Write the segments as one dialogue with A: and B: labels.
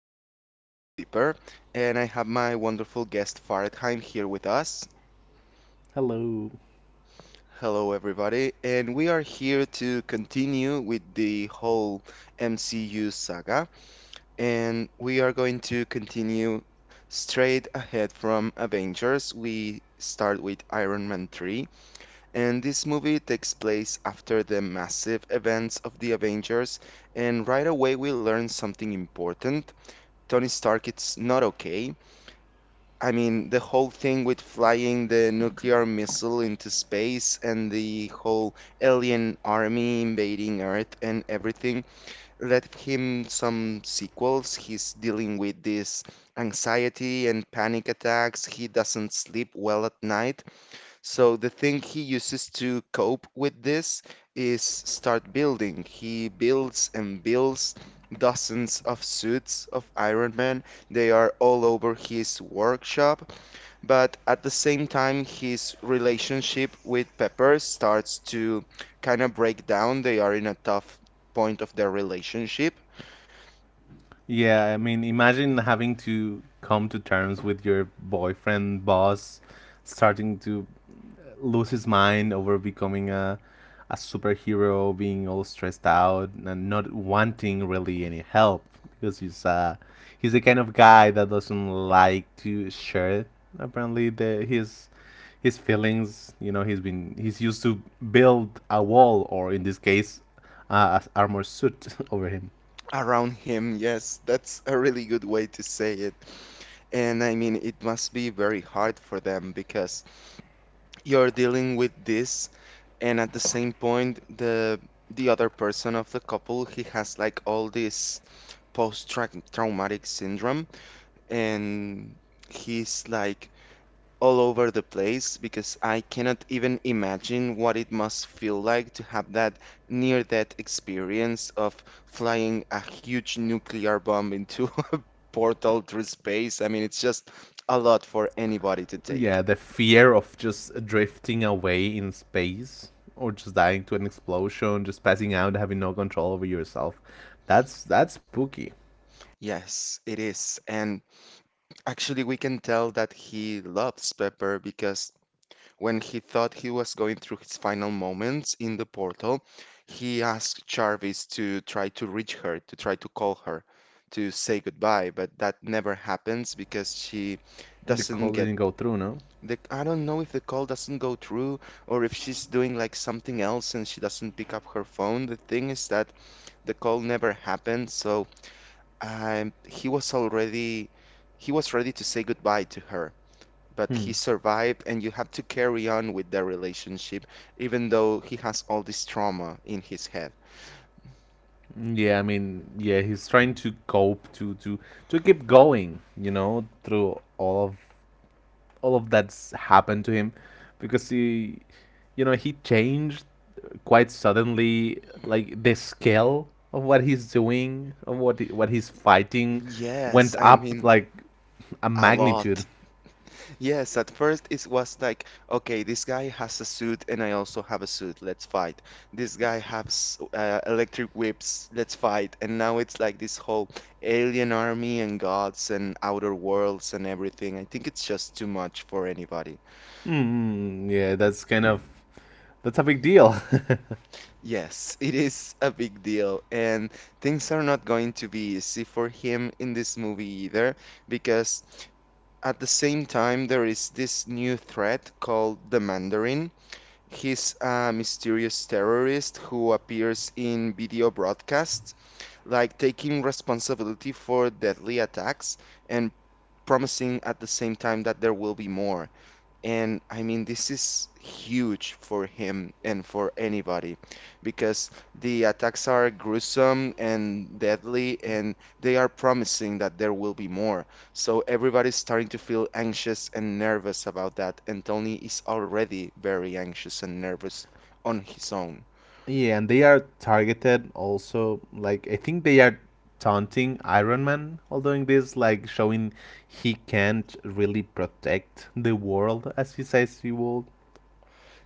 A: your host, Dipper, and I have my wonderful guest, Faradheim, here with us.
B: Hello.
A: Hello, everybody, and we are here to continue with the whole MCU saga, and we are going to continue straight ahead from Avengers. We start with Iron Man 3, and this movie takes place after the massive events of the Avengers, and right away we learn something important. Tony Stark, it's not okay. I mean, the whole thing with flying the nuclear missile into space and the whole alien army invading Earth and everything. Let him some sequels. He's dealing with this anxiety and panic attacks. He doesn't sleep well at night. So the thing he uses to cope with this is start building. He builds and builds dozens of suits of Iron Man. They are all over his workshop, but at the same time his relationship with Pepper starts to kind of break down. They are in a tough point of their relationship.
B: Yeah, I mean, imagine having to come to terms with your boyfriend boss starting to lose his mind over becoming a superhero, being all stressed out and not wanting really any help because he's he's the kind of guy that doesn't like to share apparently the his feelings, he's used to build a wall, or in this case a armor suit over him.
A: Around him, yes, that's a really good way to say it. And I mean, it must be very hard for them because you're dealing with this and at the same point the other person of the couple he has like all this post-traumatic syndrome and he's like all over the place because I cannot even imagine what it must feel like to have that near-death experience of flying a huge nuclear bomb into a portal through space. I mean, it's just a lot for anybody to take.
B: Yeah, the fear of just drifting away in space or just dying to an explosion, just passing out, having no control over yourself. That's spooky.
A: Yes, it is. And actually, we can tell that he loves Pepper because when he thought he was going through his final moments in the portal, he asked Jarvis to try to reach her, to try to call her, to say goodbye, but that never happens because she
B: The
A: doesn't
B: call
A: get
B: didn't go through, no?
A: the, I don't know if the call doesn't go through or if she's doing like something else and she doesn't pick up her phone. The thing is that the call never happened, so he was already he was ready to say goodbye to her but
B: Hmm.
A: he survived, and you have to carry on with their relationship, even though he has all this trauma in his head.
B: Yeah, I mean, yeah, he's trying to cope to keep going, through all of that's happened to him because he you know he changed quite suddenly, like the scale of what he's doing, of what he's fighting went
A: Yes, I
B: up
A: mean,
B: like a
A: a
B: magnitude.
A: lot. Yes, at first it was like, okay, this guy has a suit and I also have a suit, let's fight. This guy has electric whips, let's fight. And now it's like this whole alien army and gods and outer worlds and everything. I think it's just too much for anybody.
B: Yeah, that's kind of that's a big deal.
A: Yes, it is a big deal, and things are not going to be easy for him in this movie either, because at the same time, there is this new threat called the Mandarin. He's a mysterious terrorist who appears in video broadcasts, like taking responsibility for deadly attacks and promising at the same time that there will be more. And I mean, this is huge for him and for anybody because the attacks are gruesome and deadly, and they are promising that there will be more. So everybody's starting to feel anxious and nervous about that, and Tony is already very anxious and nervous on his own.
B: Yeah, and they are targeted also, like I think they are taunting Iron Man while doing this, like showing he can't really protect the world as he says he would.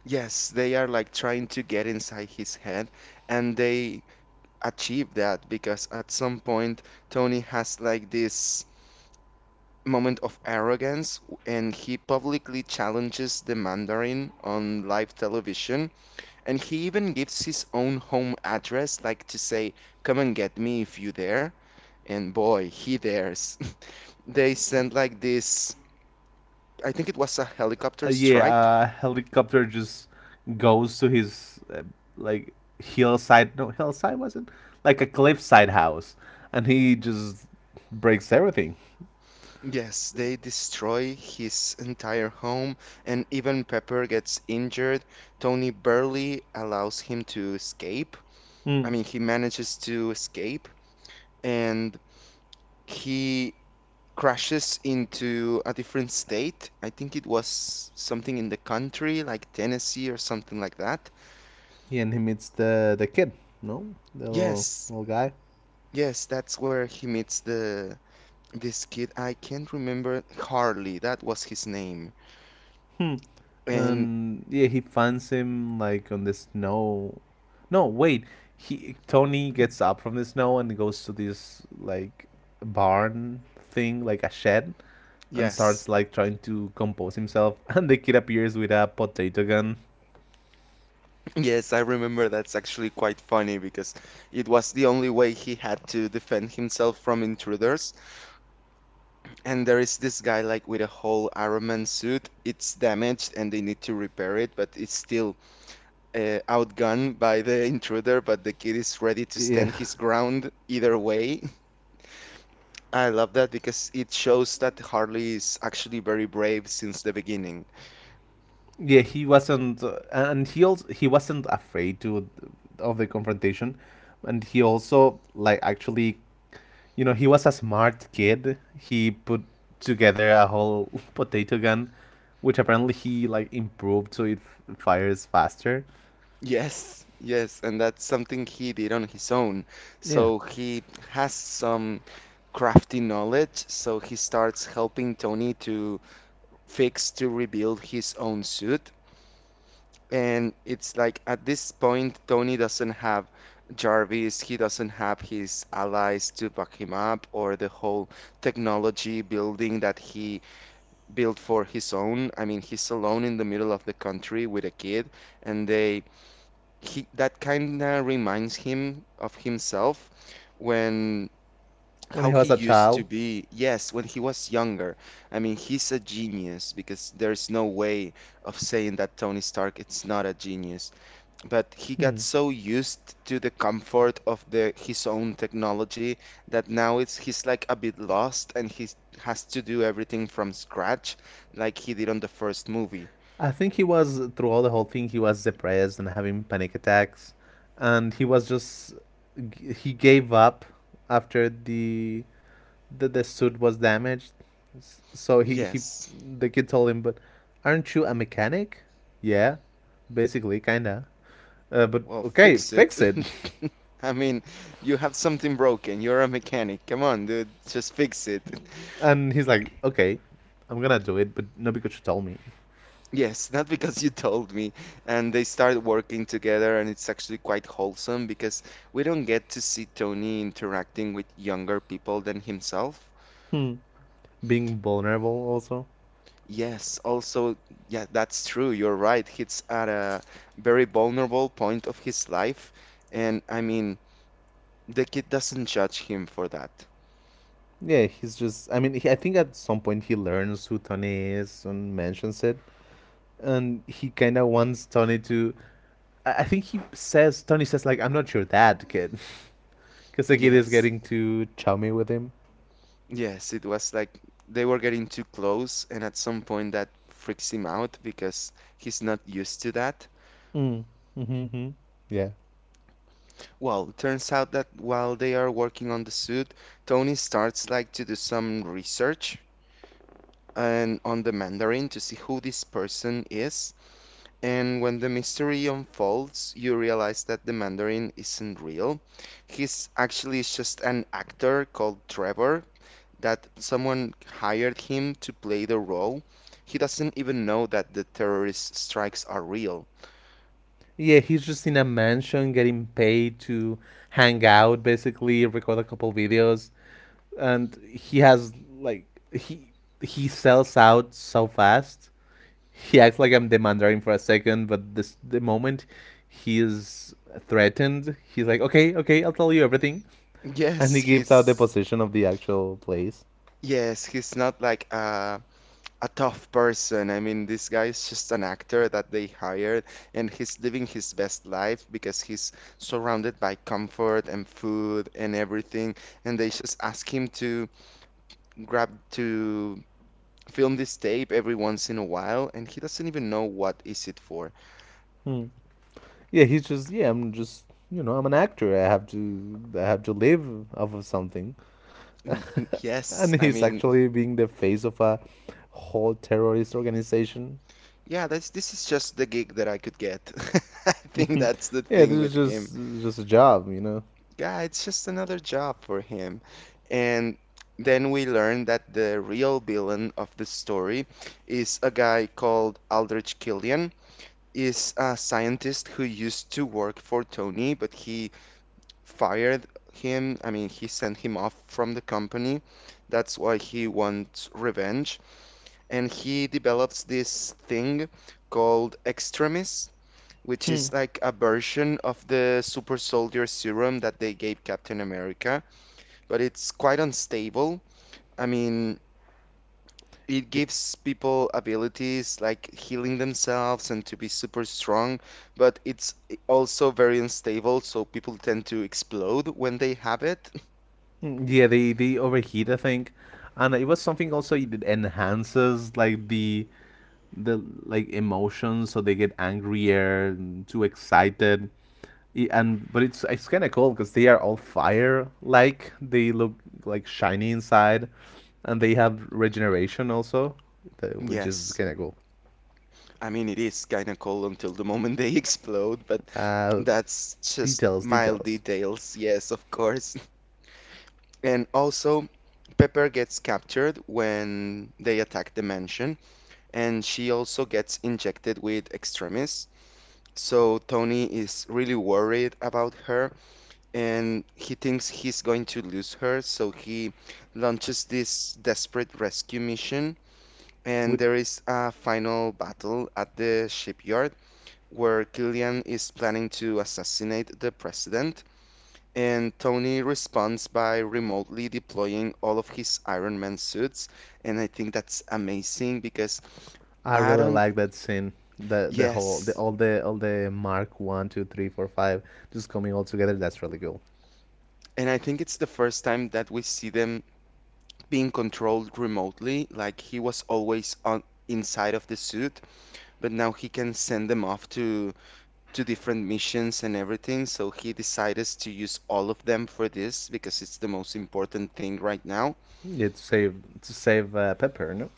A: Yes, they are like trying to get inside his head, and they achieve that because at some point Tony has like this moment of arrogance, and he publicly challenges the Mandarin on live television. And he even gives his own home address, like to say, come and get me if you dare. And boy, he dares. They send like this, I think it was a helicopter
B: Yeah,
A: strike.
B: helicopter just goes to his like hillside. No, hillside wasn't like a cliffside house, and he just breaks everything.
A: Yes, they destroy his entire home, and even Pepper gets injured. Tony barely allows him to escape.
B: Hmm.
A: I mean, he manages to escape. And he crashes into a different state. I think it was something in the country, like Tennessee or something like that.
B: Yeah, and he meets the kid. No, the little
A: Yes,
B: little guy.
A: yes, that's where he meets the this kid. I can't remember Harley, that was his name.
B: Hmm.
A: And
B: And yeah, he finds him like on the snow. No, wait. He Tony gets up from the snow and goes to this like barn thing, like a shed, and
A: yes,
B: starts like trying to compose himself. And the kid appears with a potato gun.
A: yes, I remember that's actually quite funny because it was the only way he had to defend himself from intruders. And there is this guy like with a whole Iron Man suit. It's damaged and they need to repair it, but it's still outgunned by the intruder, but the kid is ready to
B: Yeah.
A: stand his ground either way. I love that because it shows that Harley is actually very brave since the beginning.
B: Yeah, he wasn't, and he also he wasn't afraid to of the confrontation, and he also like actually, he was a smart kid. He put together a whole potato gun, which apparently he like improved so it fires faster.
A: Yes, yes, and that's something he did on his own.
B: Yeah,
A: So he has some crafty knowledge, so he starts helping Tony to fix, to rebuild his own suit. And it's like at this point, Tony doesn't have Jarvis, he doesn't have his allies to back him up, or the whole technology building that he built for his own. I mean, he's alone in the middle of the country with a kid, and they he that kind of reminds him of himself when
B: when he
A: how he
B: was a
A: used to
B: child,
A: be. Yes, when he was younger. I mean, he's a genius because there's no way of saying that Tony Stark it's not a genius but he got so used to the comfort of the his own technology that now it's he's like a bit lost and he has to do everything from scratch like he did on the first movie.
B: I think he was throughout the whole thing, he was depressed and having panic attacks, and he was just he gave up after the suit was damaged. So he
A: Yes.
B: the kid told him, but aren't you a mechanic? Yeah, basically, kinda. But
A: Well,
B: okay,
A: fix it.
B: fix it.
A: I mean, you have something broken. You're a mechanic. Come on, dude, just fix it.
B: And he's like, okay, I'm gonna do it, but not because you told me.
A: Yes, not because you told me. And they start working together, and it's actually quite wholesome because we don't get to see Tony interacting with younger people than himself.
B: Hmm. Being vulnerable, also.
A: Yes, also, yeah, that's true. You're right. He's at a very vulnerable point of his life. And I mean, the kid doesn't judge him for that.
B: Yeah, he's just. I mean, I think at some point he learns who Tony is and mentions it, and he kind of wants Tony to. I think he says Tony says like, I'm not your dad, kid, because the kid is
A: Yes,
B: getting too chummy with him.
A: yes, it was like they were getting too close. And at some point, that freaks him out because he's not used to that.
B: Mm. Mm-hmm. Yeah,
A: Well, turns out that while they are working on the suit, Tony starts like to do some research and on the Mandarin to see who this person is. And when the mystery unfolds, you realize that the Mandarin isn't real. He's actually just an actor called Trevor that someone hired him to play the role. He doesn't even know that the terrorist strikes are real.
B: yeah, he's just in a mansion getting paid to hang out, basically record a couple videos, and he has like he he sells out so fast. He acts like I'm the Mandarin for a second, but this the moment he is threatened, he's like, "Okay, okay, I'll tell you everything," and he
A: Yes,
B: gives out the
A: he's
B: position of the actual place.
A: yes, he's not like a tough person. I mean, this guy is just an actor that they hired, and he's living his best life because he's surrounded by comfort and food and everything. And they just ask him to grab to film this tape every once in a while, and he doesn't even know what is it for.
B: Hmm. Yeah, he's just yeah, I'm just, I'm an actor. I have to live off of something.
A: Mm, mm, yes,
B: And
A: I
B: he's
A: mean,
B: actually being the face of a whole terrorist organization.
A: yeah, that's this is just the gig that I could get. I think that's the
B: Yeah, this
A: thing
B: is
A: with him.
B: just a job.
A: Yeah, it's just another job for him. And then we learn that the real villain of the story is a guy called Aldrich Killian. Is a scientist who used to work for Tony, but he fired him. I mean, he sent him off from the company. That's why he wants revenge. And he develops this thing called Extremis, which
B: Hmm.
A: is like a version of the super soldier serum that they gave Captain America but it's quite unstable. I mean, it
B: It,
A: gives people abilities like healing themselves and to be super strong, but it's also very unstable, so people tend to explode when they have it.
B: yeah, they overheat, I think, and it was something also that enhances like the like emotions, so they get angrier and too excited. And but it's kind of cool because they are all fire, like they look like shiny inside, and they have regeneration also, which is
A: Yes.
B: kind of cool.
A: I mean, it is kind of cool until the moment they explode, but
B: Uh,
A: that's just
B: Details,
A: mild
B: details.
A: details. Yes, of course. And also, Pepper gets captured when they attack the mansion, and she also gets injected with extremis. So Tony is really worried about her and he thinks he's going to lose her. So he launches this desperate rescue mission. And
B: With
A: there is a final battle at the shipyard where Killian is planning to assassinate the president. And Tony responds by remotely deploying all of his Iron Man suits. And I think that's amazing because
B: I
A: I
B: really
A: don't,
B: like that scene. The whole the
A: yes.
B: all the all the mark 1, 2, 3, 4, 5 just coming all together. That's really cool.
A: And I think it's the first time that we see them being controlled remotely. Like he was always on inside of the suit, but now he can send them off to different missions and everything. So he decided to use all of them for this because it's the most important thing right now.
B: Yeah, to save Pepper, no?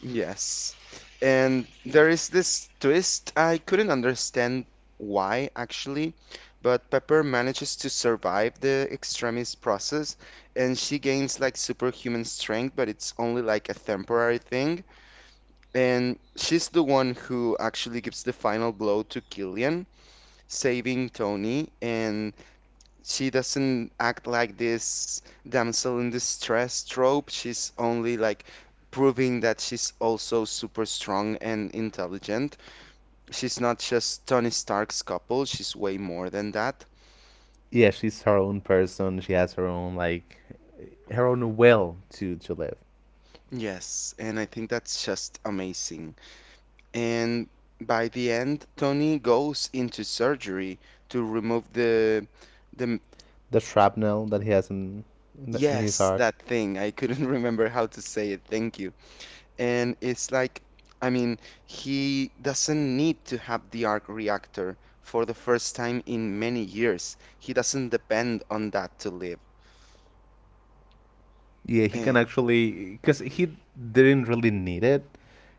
A: Yes. And there is this twist. I couldn't understand why actually, but Pepper manages to survive the extremist process and she gains like superhuman strength, but it's only like a temporary thing. And she's the one who actually gives the final blow to Killian, saving Tony. And she doesn't act like this damsel in distress trope. She's only like proving that she's also super strong and intelligent. She's not just Tony Stark's couple, she's way more than that.
B: Yeah, she's her own person. She has her own will to live.
A: Yes, and I think that's just amazing. And by the end, Tony goes into surgery to remove the
B: The shrapnel that he has in his
A: yes,
B: heart.
A: that thing. I couldn't remember how to say it. Thank you. And it's like, I mean, he doesn't need to have the arc reactor for the first time in many years. He doesn't depend on that to live.
B: Yeah, he can
A: Eh,
B: actually, because he didn't really need it.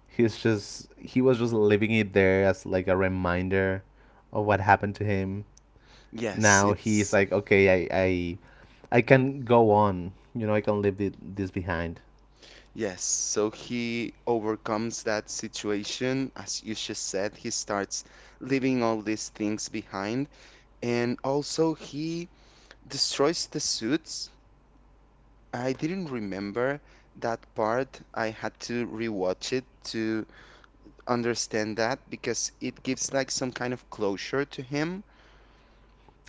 B: He was just leaving it there as like a reminder of what happened to him.
A: yes,
B: Now he's
A: it's
B: like, okay, I can go on. I can leave it, this behind.
A: yes. So he overcomes that situation. As you just said, he starts leaving all these things behind. And also, he destroys the suits. I didn't remember that part. I had to rewatch it to understand that because it gives like some kind of closure to him.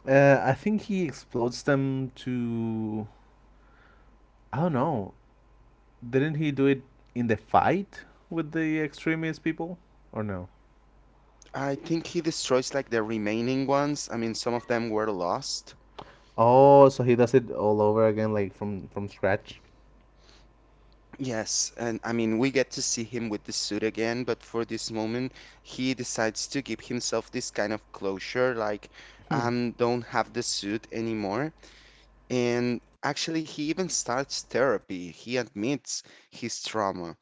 B: I think he explodes them to I don't know. Didn't he do it in the fight with the extremist people, or no?
A: I think he destroys like the remaining ones. I mean, some of them were lost.
B: Oh, so he does it all over again, like from scratch.
A: Yes, and I mean, we get to see him with the suit again, but for this moment, he decides to give himself this kind of closure, like,
B: Hmm.
A: don't have the suit anymore. And actually, he even starts therapy. He admits his trauma.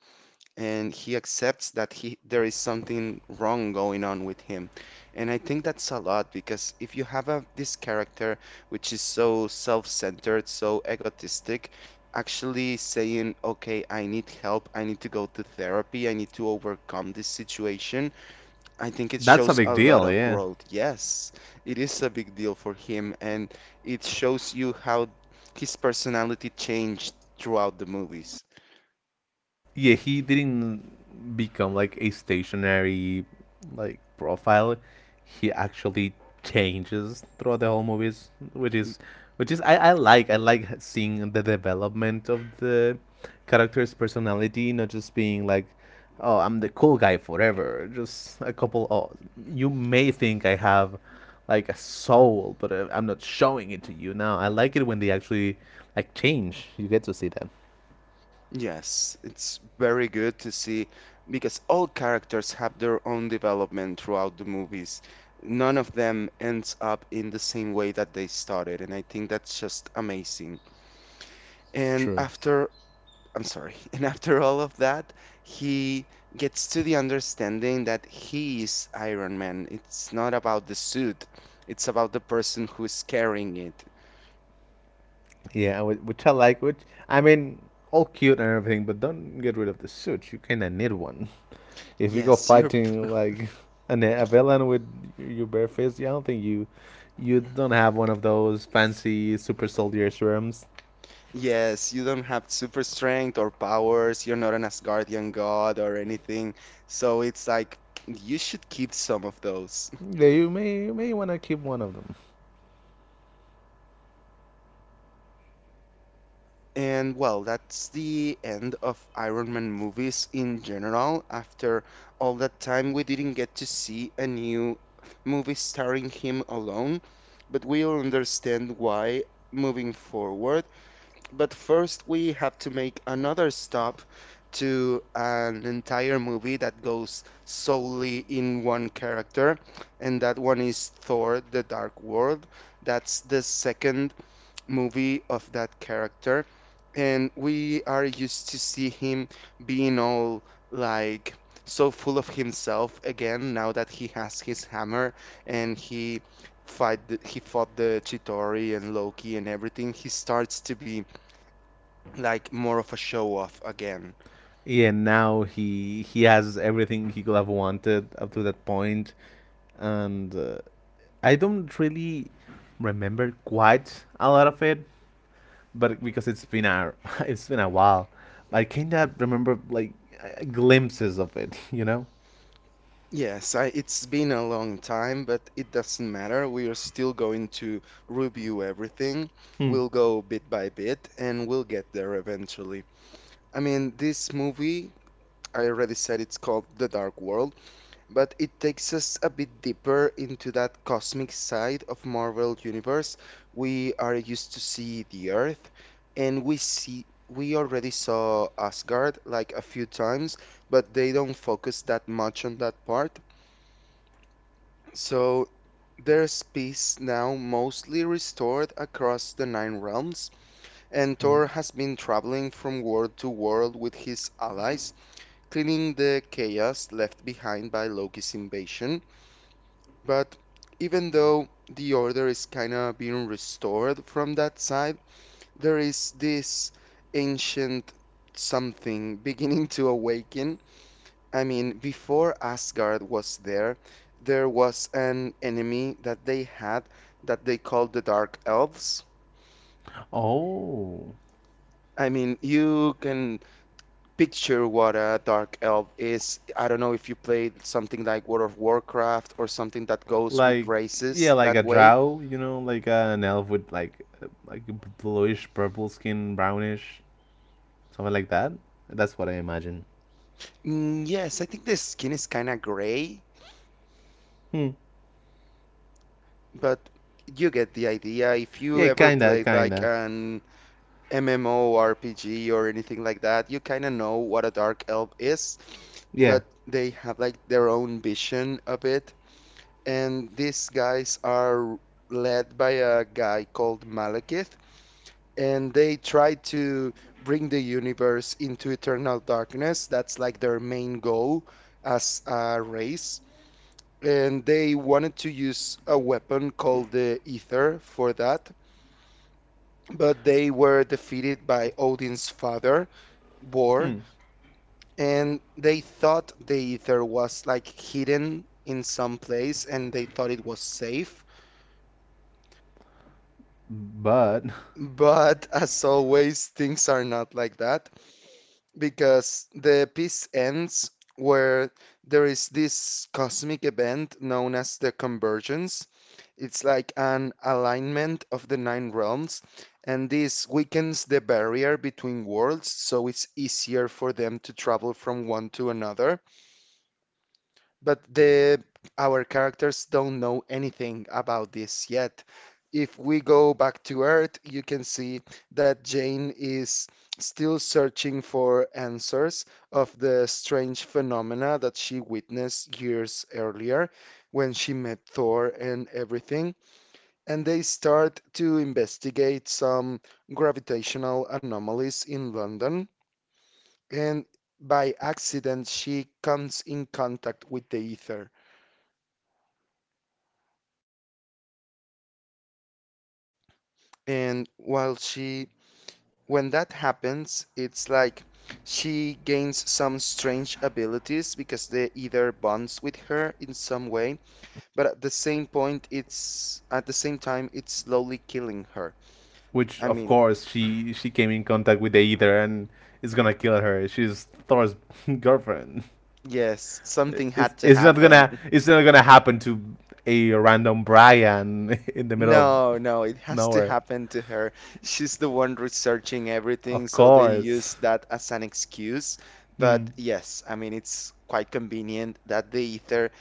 A: And he accepts that he there is something wrong going on with him. And I think that's a lot because if you have this character which is so self-centered, so egotistic, actually saying, "Okay, I need help. I need to go to therapy. I need to overcome this situation." I think it
B: That's a
A: shows
B: big
A: a lot
B: deal,
A: of
B: yeah.
A: growth. Yes, it is a big deal for him, and it shows you how his personality changed throughout the movies.
B: Yeah, he didn't become like a stationary like profile. He actually changes throughout the whole movies, which is I like seeing the development of the character's personality, not just being like, oh, I'm the cool guy forever. Just a couple. Oh, you may think I have like a soul, but I'm not showing it to you now. I like it when they actually like change. You get to see that.
A: Yes, it's very good to see because all characters have their own development throughout the movies. None of them ends up in the same way that they started, and I think that's just amazing. And
B: True.
A: after, I'm sorry, and after all of that, he gets to the understanding that he is Iron Man. It's not about the suit, it's about the person who is carrying it.
B: Yeah, which I like. Which I mean, all cute and everything, but don't get rid of the suit. You kinda need one. If you go
A: Yes, you're
B: fighting like a villain with your bare face, yeah, I don't think you don't have one of those fancy super soldier serums.
A: yes, you don't have super strength or powers. You're not an Asgardian god or anything. So it's like you should keep some of those.
B: Yeah, you may want to keep one of them.
A: And well, that's the end of Iron Man movies in general. After all that time, we didn't get to see a new movie starring him alone, but we'll understand why moving forward. But first, we have to make another stop to an entire movie that goes solely in one character, and that one is Thor: The Dark World. That's the second movie of that character, and we are used to see him being all like so full of himself again now that he has his hammer and he he fought the Chitauri and Loki and everything. He starts to be like more of a show off again.
B: Yeah, now he has everything he could have wanted up to that point, and I don't really remember quite a lot of it, but because it's been a it's been a while, I kinda remember like glimpses of it. You know.
A: It's been a long time, but it doesn't matter. We are still going to review everything.
B: Hmm.
A: We'll go bit by bit and we'll get there eventually. I mean, this movie, I already said it's called The Dark World, but it takes us a bit deeper into that cosmic side of Marvel Universe. We are used to see the Earth, and we already saw Asgard like a few times, but they don't focus that much on that part. So there's peace now mostly restored across the Nine Realms, and Thor
B: Hmm.
A: has been traveling from world to world with his allies, cleaning the chaos left behind by Loki's invasion. But even though the order is kind of being restored from that side, there is this ancient something beginning to awaken. I mean, before Asgard was there, there was an enemy that they had that they called the Dark Elves.
B: Oh,
A: I mean, you can picture what a Dark Elf is. I don't know if you played something like World of Warcraft or something that goes with
B: like yeah,
A: races
B: like
A: that
B: a
A: way.
B: drow. You know, like an elf with like bluish purple skin, brownish, something like that. That's what I imagine.
A: Mm, yes, I think the skin is kind of gray,
B: Hmm.
A: but you get the idea. If you
B: Yeah,
A: ever
B: kinda,
A: played like
B: kinda.
A: an MMORPG or anything like that, you kind of know what a dark elf is,
B: Yeah.
A: but they have like their own vision of it. And these guys are led by a guy called Malekith, and they try to bring the universe into eternal darkness. That's like their main goal as a race. And they wanted to use a weapon called the Ether for that, but they were defeated by Odin's father, Bor,
B: Hmm.
A: and they thought the Ether was like hidden in some place and they thought it was safe.
B: But
A: But as always, things are not like that because the piece ends where there is this cosmic event known as the convergence. It's like an alignment of the nine realms, and this weakens the barrier between worlds, so it's easier for them to travel from one to another. But the our characters don't know anything about this yet. If we go back to Earth, you can see that Jane is still searching for answers of the strange phenomena that she witnessed years earlier when she met Thor and everything, and they start to investigate some gravitational anomalies in London. And by accident, she comes in contact with the ether. And while she, when that happens, it's like she gains some strange abilities because the ether bonds with her in some way. But at the same point, it's at the same time, it's slowly killing her.
B: which
A: I
B: of
A: mean,
B: course she came in contact with the ether, and it's gonna kill her. She's Thor's girlfriend.
A: yes, something had
B: It's
A: to
B: it's not gonna
A: happen.
B: it's not gonna happen to a random Brian in the middle of
A: No, no, it has to
B: nowhere.
A: happen to her. She's the one researching everything,
B: Of
A: so they use
B: course.
A: that as an excuse. But
B: Hmm.
A: yes, I mean it's quite convenient that the ether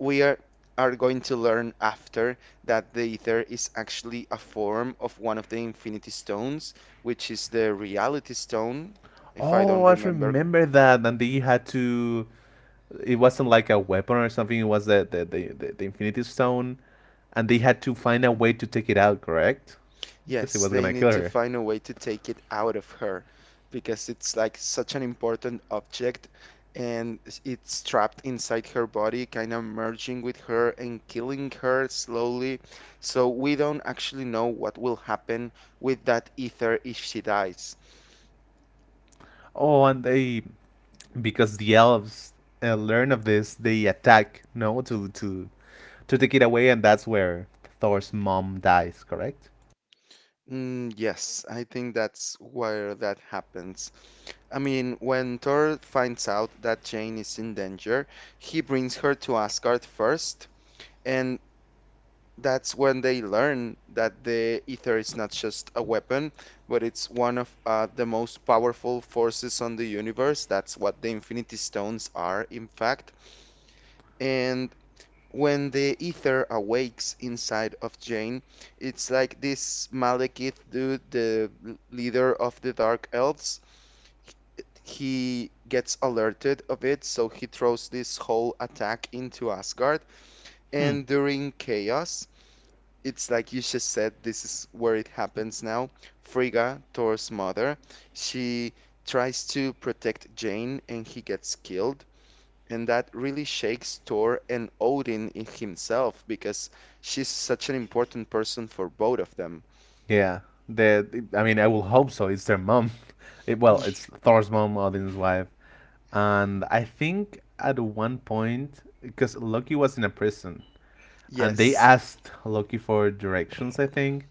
A: we are going to learn after that the ether is actually a form of one of the infinity stones, which is the reality stone, if I don't
B: Oh, I
A: remember.
B: remember that. And they had to. It wasn't like a weapon or something. It was the Infinity Stone, and they had to find a way to take it out. Correct? Because it
A: Yes,
B: was
A: they
B: gonna
A: need
B: kill
A: to
B: her.
A: find a way to take it out of her because it's like such an important object and it's trapped inside her body, kind of merging with her and killing her slowly. So we don't actually know what will happen with that ether if she dies.
B: Oh, and they because the elves learn of this, they attack. No, to to take it away, and that's where Thor's mom dies. Correct?
A: Mm, yes, I think that's where that happens. I mean, when Thor finds out that Jane is in danger, he brings her to Asgard first. And that's when they learn that the ether is not just a weapon, but it's one of the most powerful forces on the universe. That's what the Infinity Stones are, in fact. And when the ether awakes inside of Jane, it's like this Malekith dude, the leader of the Dark Elves. He gets alerted of it, so he throws this whole attack into Asgard.
B: Hmm.
A: And during Chaos, it's like you just said, this is where it happens now. Frigga, Thor's mother, she tries to protect Jane and he gets killed. And that really shakes Thor and Odin in himself because she's such an important person for both of them.
B: Yeah. The I mean, I will hope so. It's their mom. Well, it's Thor's mom, Odin's wife, and I think at one point, because Loki was in a prison, and they
A: Yes,
B: asked Loki for directions. I think,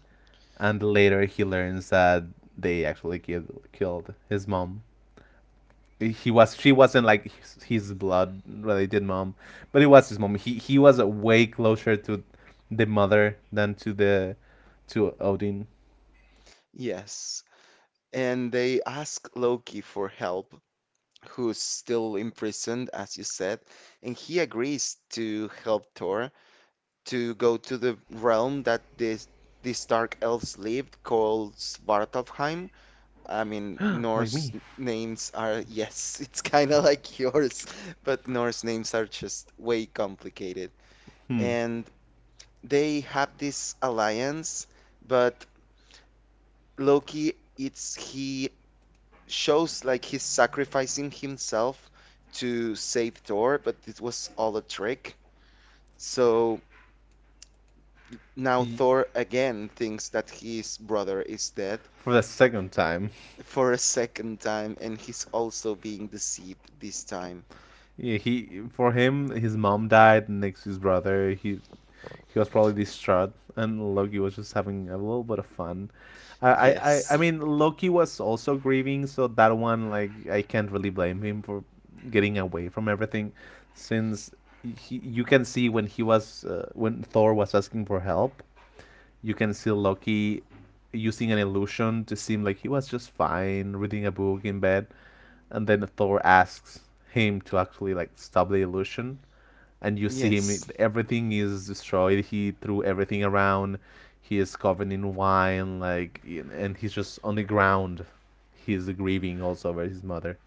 B: and later he learns that they actually killed his mom. He was She wasn't like his blood related mom, but it was his mom. He was way closer to the mother than to Odin,
A: yes. And they ask Loki for help, who's still imprisoned, as you said, and he agrees to help Thor to go to the realm that this these dark elves lived called Svartalfheim. I mean,
B: like
A: Norse
B: me.
A: names are, yes, it's kind of like yours, but Norse names are just way complicated. And they have this alliance, but Loki, it's he shows like he's sacrificing himself to save Thor, but it was all a trick. So now
B: He,
A: Thor again thinks that his brother is dead
B: for the second time.
A: for a second time, and he's also being deceived this time.
B: Yeah, he for him, his mom died next to his brother. He was probably distraught, and Loki was just having a little bit of fun. I, I,
A: Yes,
B: I mean, Loki was also grieving, so that one, like, I can't really blame him for getting away from everything, since you can see, when Thor was asking for help, you can see Loki using an illusion to seem like he was just fine reading a book in bed, and then Thor asks him to actually, like, stop the illusion, and you see
A: yes.
B: him, everything is destroyed. He threw everything around. He is covered in wine, like, and he's just on the ground. He's grieving also over his mother.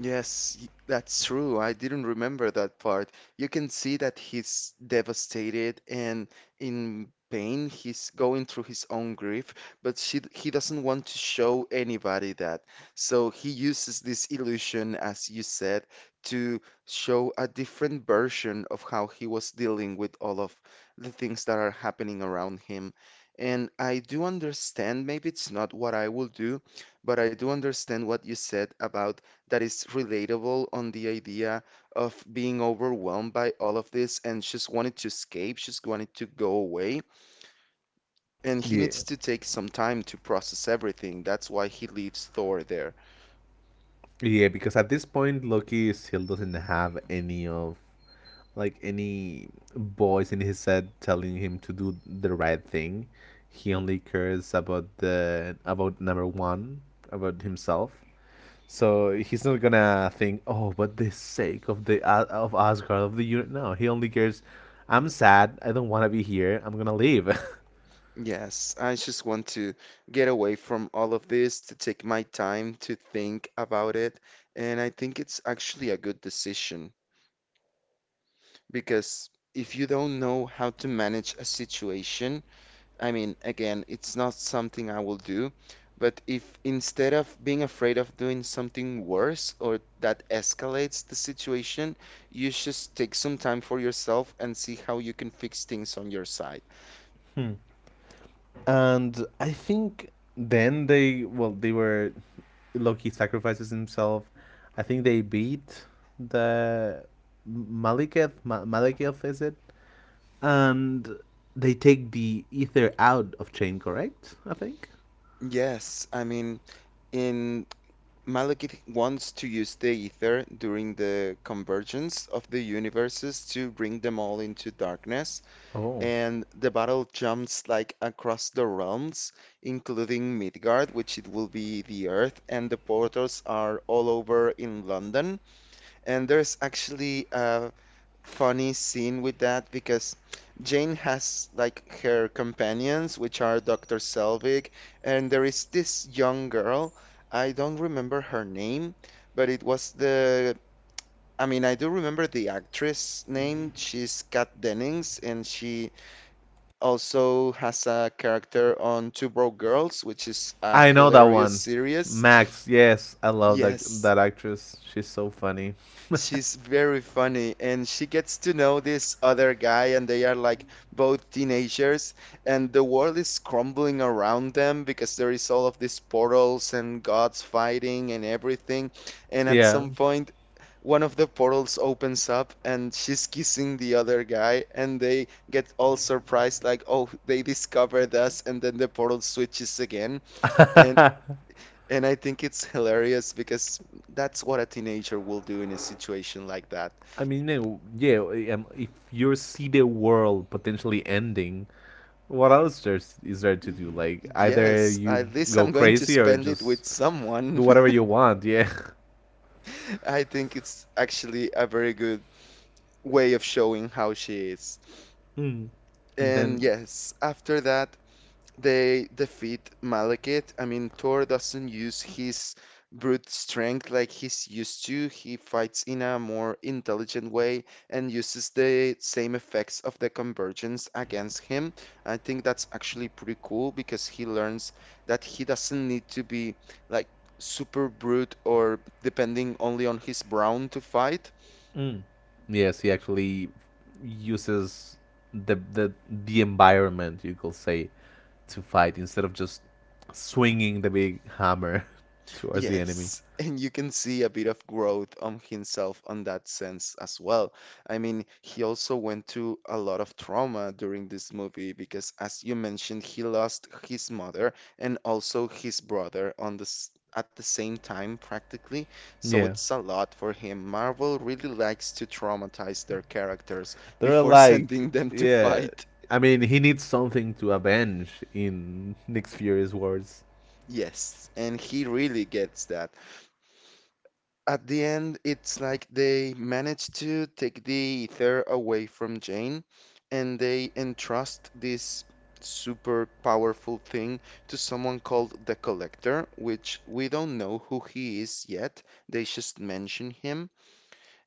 A: Yes, that's true. I didn't remember that part. You can see that he's devastated and in pain. He's going through his own grief, but he doesn't want to show anybody that. So he uses this illusion, as you said, to show a different version of how he was dealing with all of the things that are happening around him. And I do understand, maybe it's not what I will do, but I do understand what you said about that is relatable on the idea of being overwhelmed by all of this and just wanted to escape, just wanted to go away. And he
B: Yeah,
A: needs to take some time to process everything. That's why he leaves Thor there.
B: yeah, because at this point Loki still doesn't have any of like any voice in his head telling him to do the right thing. He only cares about the about number one, about himself. So he's not gonna think, oh, but the sake of the of Asgard, of the unit. No, he only cares. I'm sad. I don't want to be here. I'm gonna leave.
A: Yes, I just want to get away from all of this, to take my time to think about it. And I think it's actually a good decision because if you don't know how to manage a situation, I mean, again, it's not something I will do, but if instead of being afraid of doing something worse or that escalates the situation, you just take some time for yourself and see how you can fix things on your side.
B: And I think then they well, they were Loki sacrifices himself. I think they beat the Malekith. Maliketh, is it? And they take the ether out of chain, correct? I think.
A: Yes, I mean, in Malekith wants to use the ether during the convergence of the universes to bring them all into darkness.
B: Oh,
A: And the battle jumps like across the realms, including Midgard, which it will be the Earth, and the portals are all over in London. And there's actually a funny scene with that because Jane has like her companions, which are Dr. Selvig, and there is this young girl. I don't remember her name, but it was the I mean, I do remember the actress name. She's Kat Dennings, and she also has a character on Two Broke Girls, which is a
B: I know that
A: hilarious
B: one.
A: series.
B: Max, yes, I love that
A: Yes,
B: that actress. She's so funny.
A: she's very funny, and she gets to know this other guy, and they are like both teenagers, and the world is crumbling around them because there is all of these portals and gods fighting and everything. And at
B: Yeah,
A: some point, one of the portals opens up and she's kissing the other guy and they get all surprised like, oh, they discovered us, and then the portal switches again and
B: I
A: and I think it's hilarious because that's what a teenager will do in a situation like that.
B: mean, yeah. If you see the world potentially ending, what else there's is there to do? Like either
A: Yes,
B: you
A: at least
B: go
A: I'm going to
B: crazy or
A: spend it with
B: just
A: someone.
B: do whatever you want. Yeah.
A: I think it's actually a very good way of showing how she is.
B: Mm. And
A: And
B: then.
A: yes, after that, they defeat Malekith. I mean, Thor doesn't use his brute strength like he's used to. He fights in a more intelligent way and uses the same effects of the convergence against him. I think that's actually pretty cool because he learns that he doesn't need to be like super brute or depending only on his brawn to fight.
B: Mm. Yes, he actually uses the environment, you could say, to fight instead of just swinging the big hammer towards the enemy.
A: Yes, and you can see a bit of growth on himself on that sense as well. I mean, he also went through a lot of trauma during this movie because, as you mentioned, he lost his mother and also his brother on this at the same time practically. So
B: Yeah,
A: it's a lot for him. Marvel really likes to traumatize their characters
B: they're
A: before
B: like,
A: sending them to
B: yeah.
A: fight.
B: I mean, he needs something to avenge, in Nick Fury's words.
A: Yes, and he really gets that. At the end, it's like they manage to take the ether away from Jane and they entrust this super powerful thing to someone called the Collector, which we don't know who he is yet. They just mention him.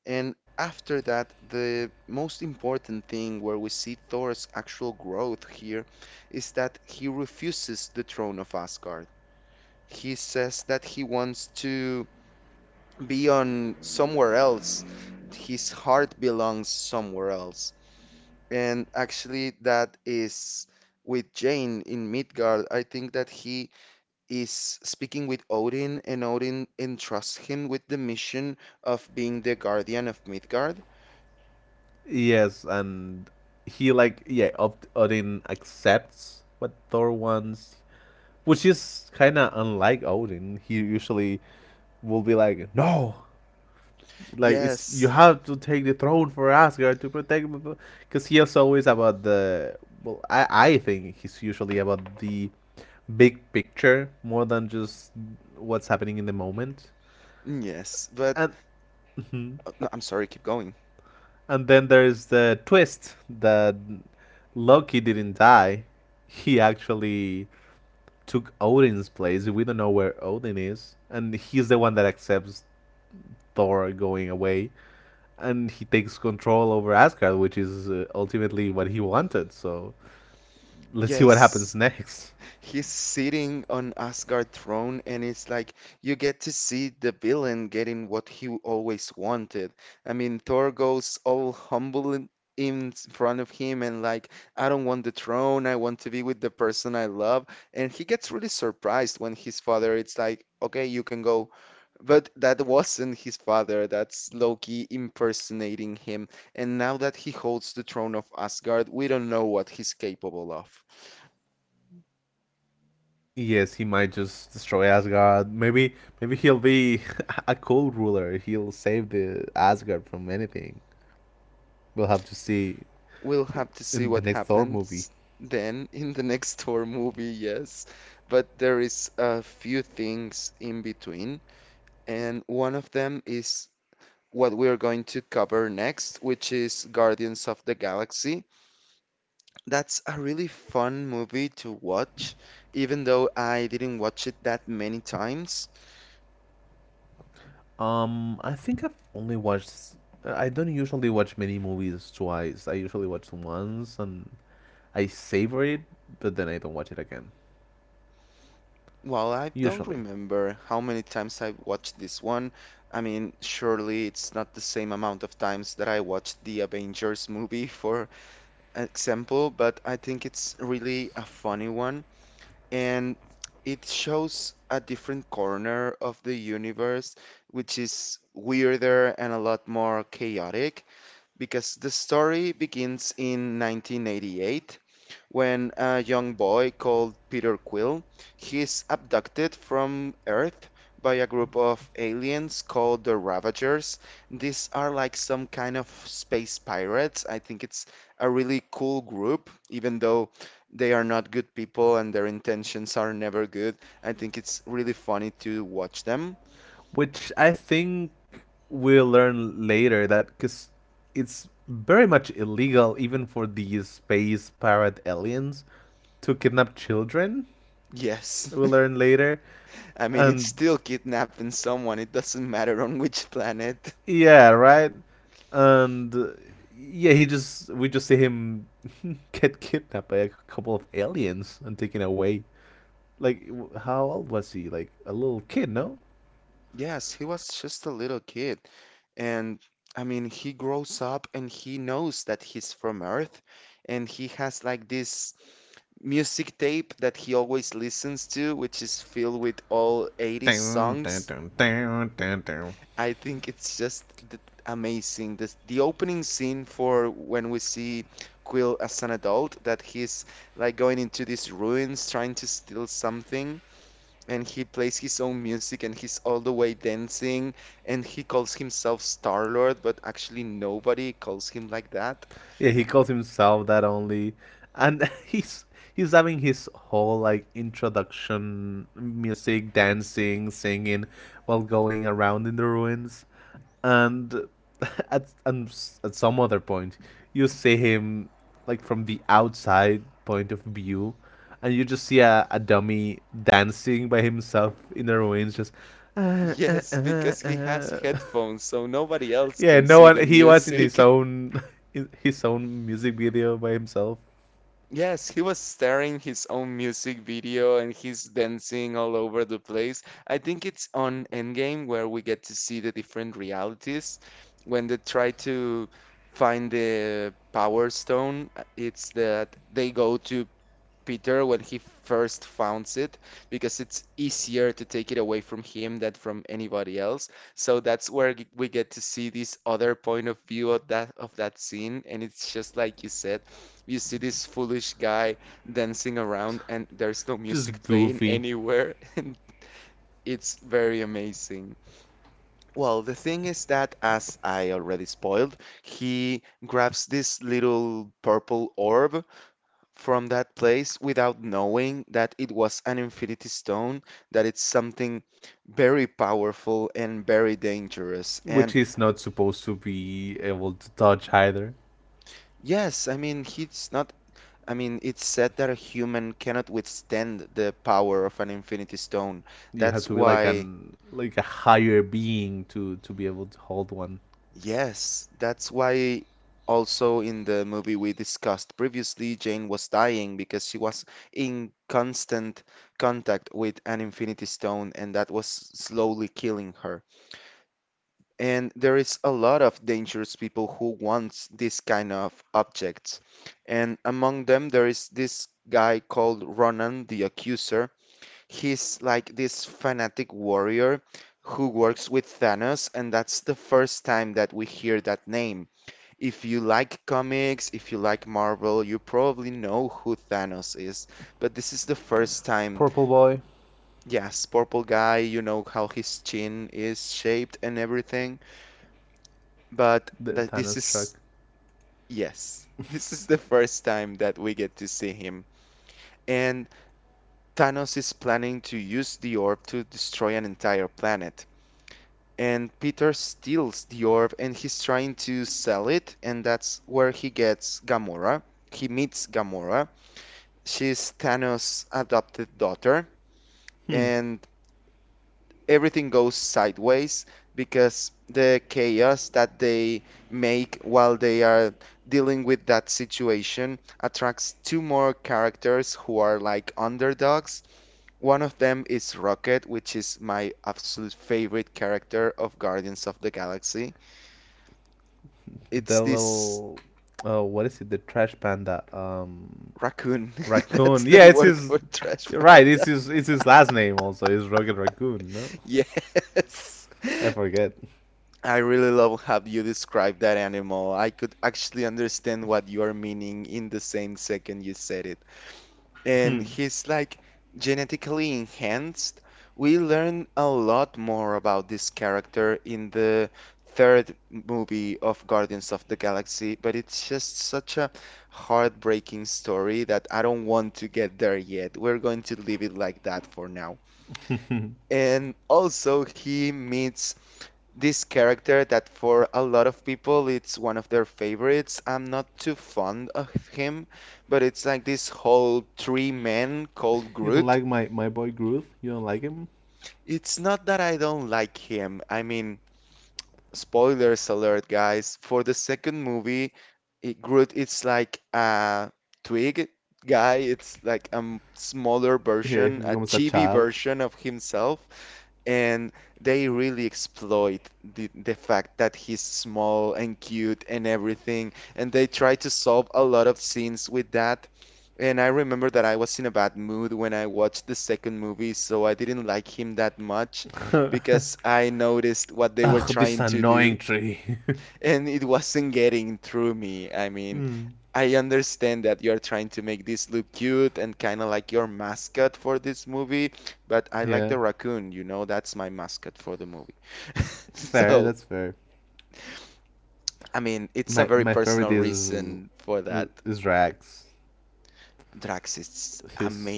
A: And after that, the most important thing where we see Thor's actual growth here is that he refuses the throne of Asgard. He says that he wants to be on somewhere else. His heart belongs somewhere else. And actually, that is with Jane in Midgard. I think that he is speaking with Odin, and Odin entrusts him with the mission of being the guardian of Midgard.
B: Yes, and he like, yeah, Od- Odin accepts what Thor wants, which is kind of unlike Odin. He usually will be like, no, like it's you
A: Yes,
B: have to take the throne for Asgard to protect, because he is always about the. Well, I think he's usually about the big picture more than just what's happening in the moment.
A: yes, but
B: And mhm.
A: no, I'm sorry, keep going.
B: And then there's the twist that Loki didn't die. He actually took Odin's place. We don't know where Odin is, and he's the one that accepts Thor going away. And he takes control over Asgard, which is ultimately what he wanted. So let's see what happens
A: Yes.
B: next.
A: He's sitting on Asgard throne and it's like you get to see the villain getting what he always wanted. I mean, Thor goes all humble in front of him and like, I don't want the throne, I want to be with the person I love. And he gets really surprised when his father it's like, okay, you can go. But that wasn't his father, that's Loki impersonating him. And now that he holds the throne of Asgard, we don't know what he's capable of.
B: Yes, he might just destroy Asgard. Maybe, maybe he'll be a cool ruler. He'll save the Asgard from anything. We'll have to see
A: We'll have to see
B: in the
A: what
B: next Thor movie.
A: happens then in the next Thor movie, yes. But there is a few things in between, and one of them is what we are going to cover next, which is Guardians of the Galaxy. That's a really fun movie to watch, even though I didn't watch it that many times.
B: I think I've only watched. I don't usually watch many movies twice. I usually watch once and I savor it, but then I don't watch it again.
A: Well, I don't
B: Usually.
A: remember how many times I've watched this one. I mean, surely it's not the same amount of times that I watched the Avengers movie, for example, but I think it's really a funny one. And it shows a different corner of the universe, which is weirder and a lot more chaotic, because the story begins in 1988 when a young boy called Peter Quill, he is abducted from Earth by a group of aliens called the Ravagers. These are like some kind of space pirates. I think it's a really cool group, even though they are not good people and their intentions are never good. I think it's really funny to watch them.
B: Which I think we'll learn later that because it's very much illegal even for these space pirate aliens to kidnap children.
A: Yes,
B: We'll learn later,
A: I mean, it's
B: and
A: still kidnapping someone, it doesn't matter on which planet.
B: yeah, right, and yeah, he just we just see him get kidnapped by a couple of aliens and taken away. Like, how old was he? Like a little kid, no?
A: Yes, he was just a little kid. And I mean, he grows up and he knows that he's from Earth. And he has like this music tape that he always listens to, which is filled with all 80s
B: Dun, dun,
A: songs.
B: dun, dun, dun, dun.
A: I think it's just amazing. This, the opening scene for when we see Quill as an adult, that he's like going into these ruins trying to steal something and he plays his own music and he's all the way dancing and he calls himself Star Lord, but actually nobody calls him like that.
B: Yeah, he calls himself that only, and he's having his whole like introduction music, dancing, singing, while going around in the ruins, and at some other point, you see him like from the outside point of view, and you just see a dummy dancing by himself in the ruins. Just
A: Yes, because he has headphones, so nobody else
B: yeah,
A: can
B: no
A: see the
B: one. He was in his
A: music.
B: own in his own music video by himself,
A: Yes, he was staring his own music video and he's dancing all over the place. I think it's on Endgame where we get to see the different realities when they try to find the Power Stone. It's that they go to Peter when he first founds it because it's easier to take it away from him than from anybody else. So that's where we get to see this other point of view of that scene, and it's just like you said, you see this foolish guy dancing around, and there's no
B: just
A: music playing
B: goofy.
A: anywhere, and it's very amazing. Well, the thing is that, as I already spoiled, he grabs this little purple orb from that place without knowing that it was an infinity stone, that it's something very powerful and very dangerous.
B: Which
A: And
B: is not supposed to be able to touch either.
A: yes, I mean, he's not, I mean, it's said that a human cannot withstand the power of an infinity stone.
B: You have
A: That's
B: to be like
A: why,
B: an like a higher being to be able to hold one.
A: yes, that's why. Also, in the movie we discussed previously, Jane was dying because she was in constant contact with an infinity stone, and that was slowly killing her. And there is a lot of dangerous people who wants this kind of objects. And among them, there is this guy called Ronan the Accuser. He's like this fanatic warrior who works with Thanos, and that's the first time that we hear that name. If you like comics, if you like Marvel, you probably know who Thanos is. But this is the first time.
B: Purple Boy,
A: Yes, purple guy, you know how his chin is shaped and everything but
B: the
A: that this
B: Thanos truck.
A: is yes, this is the first time that we get to see him. And Thanos is planning to use the orb to destroy an entire planet. And Peter steals the orb and he's trying to sell it, and that's where he gets Gamora. He meets Gamora. She's Thanos' adopted daughter,
B: Hmm.
A: and everything goes sideways because the chaos that they make while they are dealing with that situation attracts two more characters who are like underdogs. One of them is Rocket, which is my absolute favorite character of Guardians of the Galaxy.
B: The
A: It's this
B: little, oh, what is it? The trash panda,
A: raccoon.
B: raccoon.
A: That's
B: Yeah,
A: the
B: it's
A: word
B: his.
A: for trash
B: Right, it's
A: panda.
B: his. It's his last name also. It's Rocket Raccoon. No,
A: Yes.
B: I forget.
A: I really love how you describe that animal. I could actually understand what you are meaning in the same second you said it. And
B: Hmm.
A: he's like genetically enhanced. We learn a lot more about this character in the third movie of Guardians of the Galaxy, but it's just such a heartbreaking story that I don't want to get there yet. We're going to leave it like that for now.
B: You
A: And also, he meets this character that for a lot of people it's one of their favorites. I'm not too fond of him, but it's like this whole three men called
B: don't
A: Groot.
B: like my boy Groot. You don't like him.
A: It's not that I don't like him. I mean, spoilers alert, guys. For the second movie, it, Groot it's like a twig guy. It's like a smaller
B: Yeah, if he
A: version, a
B: becomes a
A: chibi
B: child.
A: version of himself. And they really exploit the fact that he's small and cute and everything and they try to solve a lot of scenes with that. And I remember that I was in a bad mood when I watched the second movie, so I didn't like him that much
B: I
A: because I noticed what they were
B: Ugh, this
A: trying to do
B: annoying tree.
A: and it wasn't getting through me. I mean,
B: Hmm.
A: I understand that you're trying to make this look cute and kind of like your mascot for this movie, but I like the
B: Yeah,
A: raccoon, you know, that's my mascot for the movie.
B: fair.
A: So,
B: That's fair.
A: I mean, it's a
B: My
A: very
B: my favorite
A: personal reason for that.
B: is Rags.
A: Drax is
B: He's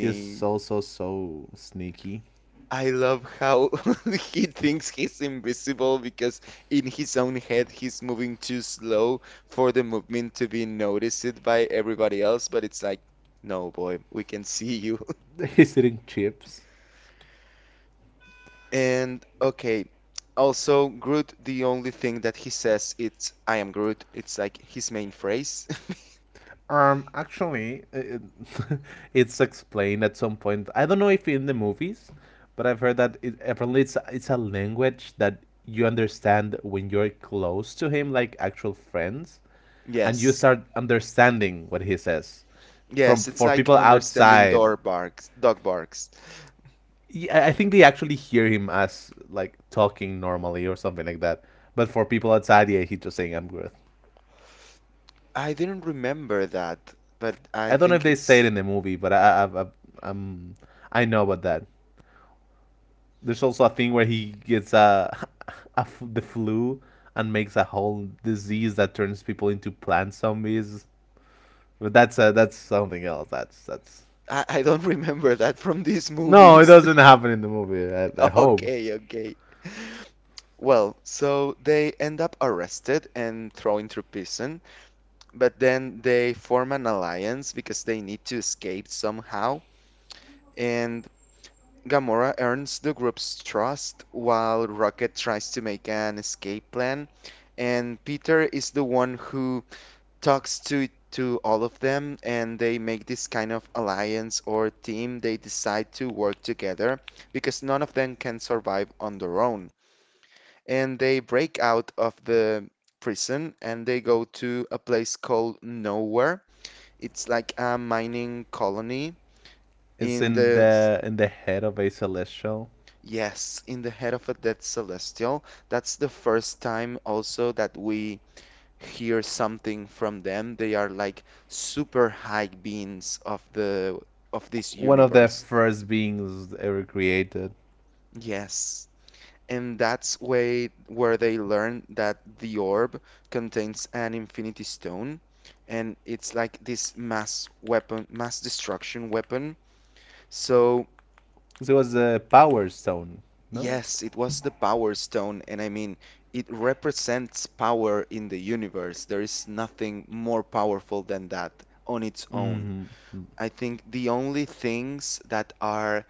B: he's also so sneaky.
A: I love how he thinks he's invisible because in his own head he's moving too slow for the movement to be noticed by everybody else, but it's like, no, boy, we can see you.
B: He's eating chips.
A: And okay, also Groot, the only thing that he says it's I am Groot. It's like his main phrase.
B: Actually, it's explained at some point. I don't know if in the movies, but I've heard that apparently it's a language that you understand when you're close to him, like actual friends, and you
A: Yes.
B: start understanding what he says. From
A: Yes, it's
B: for
A: like
B: people
A: understanding
B: outside,
A: door barks, dog barks.
B: I think they actually hear him as like talking normally or something like that. But for people outside, yeah, he's just saying "I'm good."
A: I didn't remember that, but I
B: I don't know if
A: think
B: they say it
A: it's
B: in the movie, but I'm I know about that. There's also a thing where he gets the flu and makes a whole disease that turns people into plant zombies. But that's something else. That's
A: I don't remember that from these
B: no, it
A: movies.
B: doesn't happen in the movie. I hope
A: Okay, okay. Well, so they end up arrested and thrown into prison, but then they form an alliance because they need to escape somehow. And Gamora earns the group's trust while Rocket tries to make an escape plan. And Peter is the one who talks to all of them, and they make this kind of alliance or team. They decide to work together because none of them can survive on their own. And they break out of the prison and they go to a place called Nowhere. It's like a mining colony
B: it's
A: in the s-
B: in the head of a celestial,
A: yes, in the head of a dead celestial. That's the first time also that we hear something from them. They are like super high beings of the of this
B: one of the
A: universe.
B: first beings ever created.
A: Yes. And that's way where they learn that the orb contains an infinity stone, and it's like this mass weapon, mass destruction weapon. So,
B: So it was a power stone, no?
A: yes, it was the power stone. And I mean, it represents power in the universe. There is nothing more powerful than that on its own.
B: Mm-hmm.
A: I think the only things that are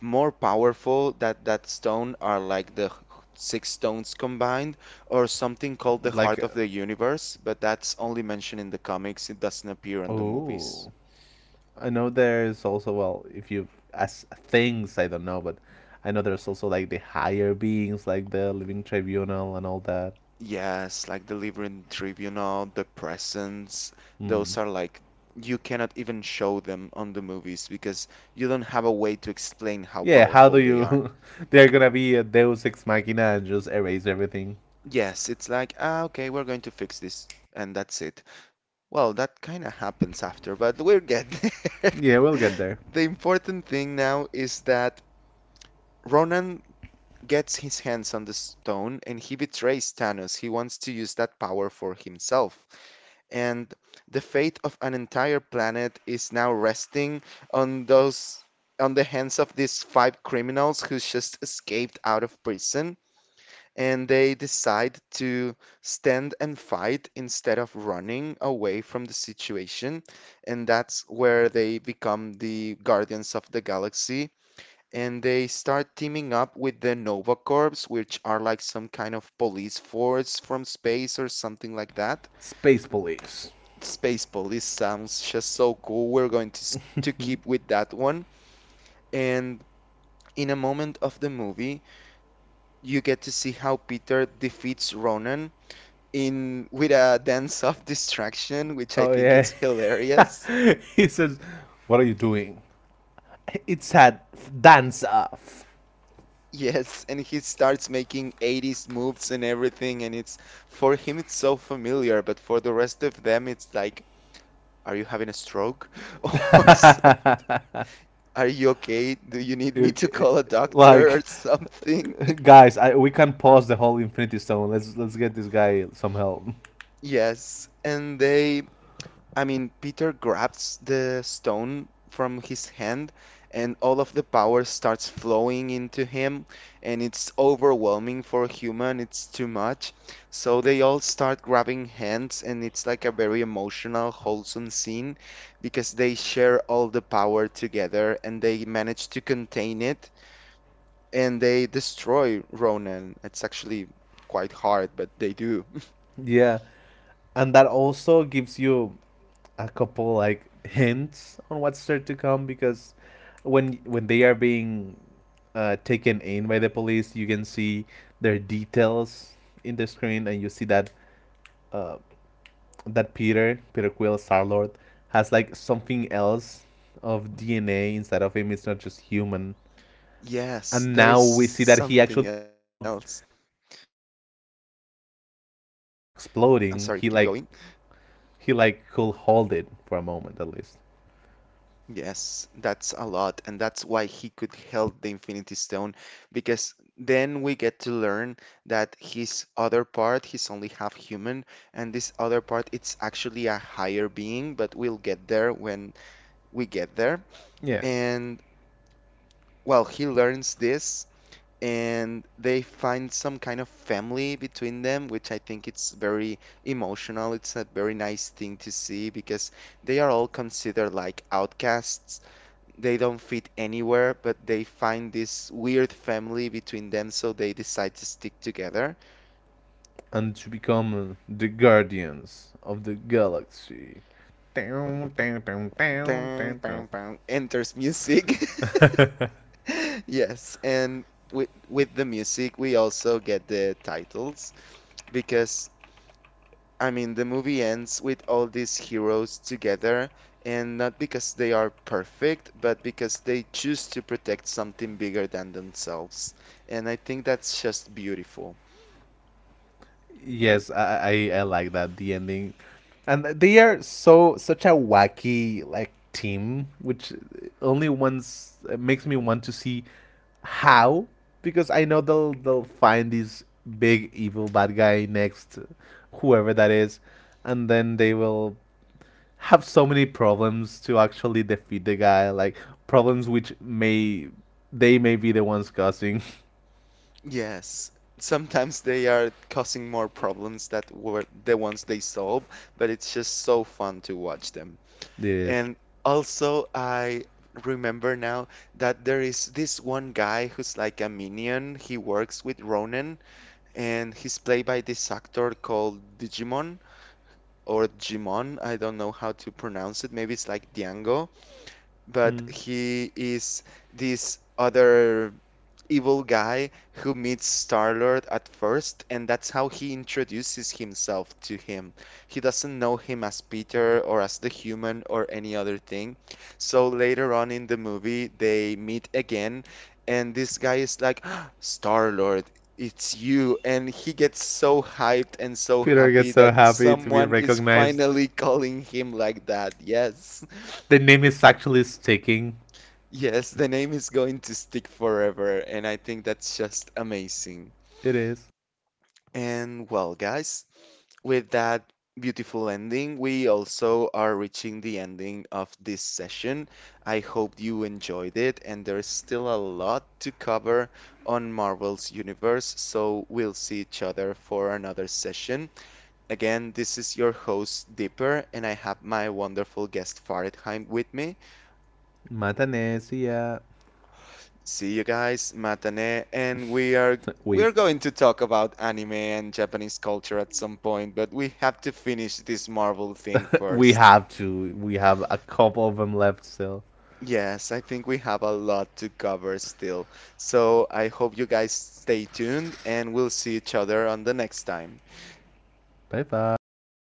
A: more powerful that that stone are like the six stones combined, or something called the
B: Like,
A: heart of the universe, but that's only mentioned in the comics. It doesn't appear in the movies.
B: oh, I know there's also well, if you as things, I don't know, but I know there's also like the higher beings, like the living tribunal and all that.
A: Yes, like the Liberian Tribunal, the Presence,
B: Hmm.
A: those are like you cannot even show them on the movies because you don't have a way to explain how
B: Yeah, how do
A: powerful they are.
B: you? They're gonna be a Deus Ex Machina and just erase everything.
A: Yes, it's like, ah, okay, we're going to fix this, and that's it. Well, that kind of happens after, but we'll get there.
B: Yeah, we'll get there.
A: The important thing now is that Ronan gets his hands on the stone and he betrays Thanos. He wants to use that power for himself. And the fate of an entire planet is now resting on those, on the hands of these five criminals who just escaped out of prison, and they decide to stand and fight instead of running away from the situation. And that's where they become the Guardians of the Galaxy. And they start teaming up with the Nova Corps, which are like some kind of police force from space or something like that.
B: Space police.
A: Space police sounds just so cool. We're going to, to keep with that one. And in a moment of the movie, you get to see how Peter defeats Ronan in with a dance of distraction, which I
B: Oh
A: think
B: yeah,
A: it's hilarious.
B: he says, "What are you doing?" It's a dance off.
A: Yes, and he starts making 80s moves and everything, and it's for him it's so familiar, but for the rest of them it's like, are you having a stroke? Or are you okay? Do you need me to
B: Okay,
A: call a doctor or
B: like
A: something?
B: guys, we can pause the whole Infinity Stone. Let's get this guy some help.
A: Yes, and they I mean, Peter grabs the stone from his hand, and all of the power starts flowing into him, and it's overwhelming for a human. It's too much. So they all start grabbing hands, and it's like a very emotional, wholesome scene because they share all the power together and they manage to contain it and they destroy Ronan. It's actually quite hard, but they do.
B: Yeah, and that also gives you a couple like hints on what's there to come because when they are being taken in by the police, you can see their details in the screen, and you see that uh, that Peter Quill Star Lord has like something else of DNA inside of him. It's not just human.
A: Yes,
B: And
A: there is
B: now we see that he
A: something
B: actually
A: else.
B: held the Infinity
A: I'm
B: Stone with
A: sorry,
B: a
A: keep going.
B: straight up exploding. He like could hold it for a moment at least.
A: Yes, that's a lot, and that's why he could hold the Infinity Stone, because then we get to learn that his other part, he's only half human, and this other part, it's actually a higher being, but we'll get there when we get there.
B: Yeah,
A: And well, he learns this, and they find some kind of family between them, which I think it's very emotional. It's a very nice thing to see because they are all considered like outcasts, they don't fit anywhere, but they find this weird family between them, so they decide to stick together.
B: and to become the guardians of the galaxy. Down, down, down, down,
A: Bang,
B: down,
A: bang,
B: down.
A: bang. Enters music. Yes, and with the music, we also get the titles because I mean the movie ends with all these heroes together, and not because they are perfect, but because they choose to protect something bigger than themselves. And I think that's just beautiful.
B: Yes, I like that the ending, and they are so such a wacky like team, which only once it makes me want to see how because I know they'll find this big evil bad guy next, whoever that is, and then they will have so many problems to actually defeat the guy, like problems which may they may be the ones causing
A: Yes, sometimes they are causing more problems that were the ones they solve, but it's just so fun to watch them.
B: this.
A: And also, I remember now that there is this one guy who's like a minion. He works with Ronan, and he's played by this actor called Digimon or Jimon. I don't know how to pronounce it. Maybe it's like Diango, but
B: Mm.
A: he is this other evil guy who meets Star-Lord at first, and that's how he introduces himself to him. He doesn't know him as Peter or as the human or any other thing. So later on in the movie, they meet again, and this guy is like, "Ah, Star-Lord, it's you." And he gets so hyped and so
B: Peter gets
A: happy
B: so
A: that
B: happy to be
A: someone is
B: recognized.
A: finally calling him like that. Yes.
B: The name is actually sticking.
A: Yes, the name is going to stick forever, and I think that's just amazing.
B: It is
A: And well, guys, with that beautiful ending, we also are reaching the ending of this session. I hope you enjoyed it, and there's still a lot to cover on Marvel's universe, so we'll see each other for another session. Again, this is your host, Dipper, and I have my wonderful guest, Faridheim, with me.
B: Matanesia.
A: See you guys, Matane, and we are
B: We've
A: going to talk about anime and Japanese culture at some point, but we have to finish this Marvel thing
B: we
A: first.
B: have to. We have a couple of them left still.
A: Yes, I think we have a lot to cover still. So I hope you guys stay tuned and we'll see each other on the next time.
B: Bye bye.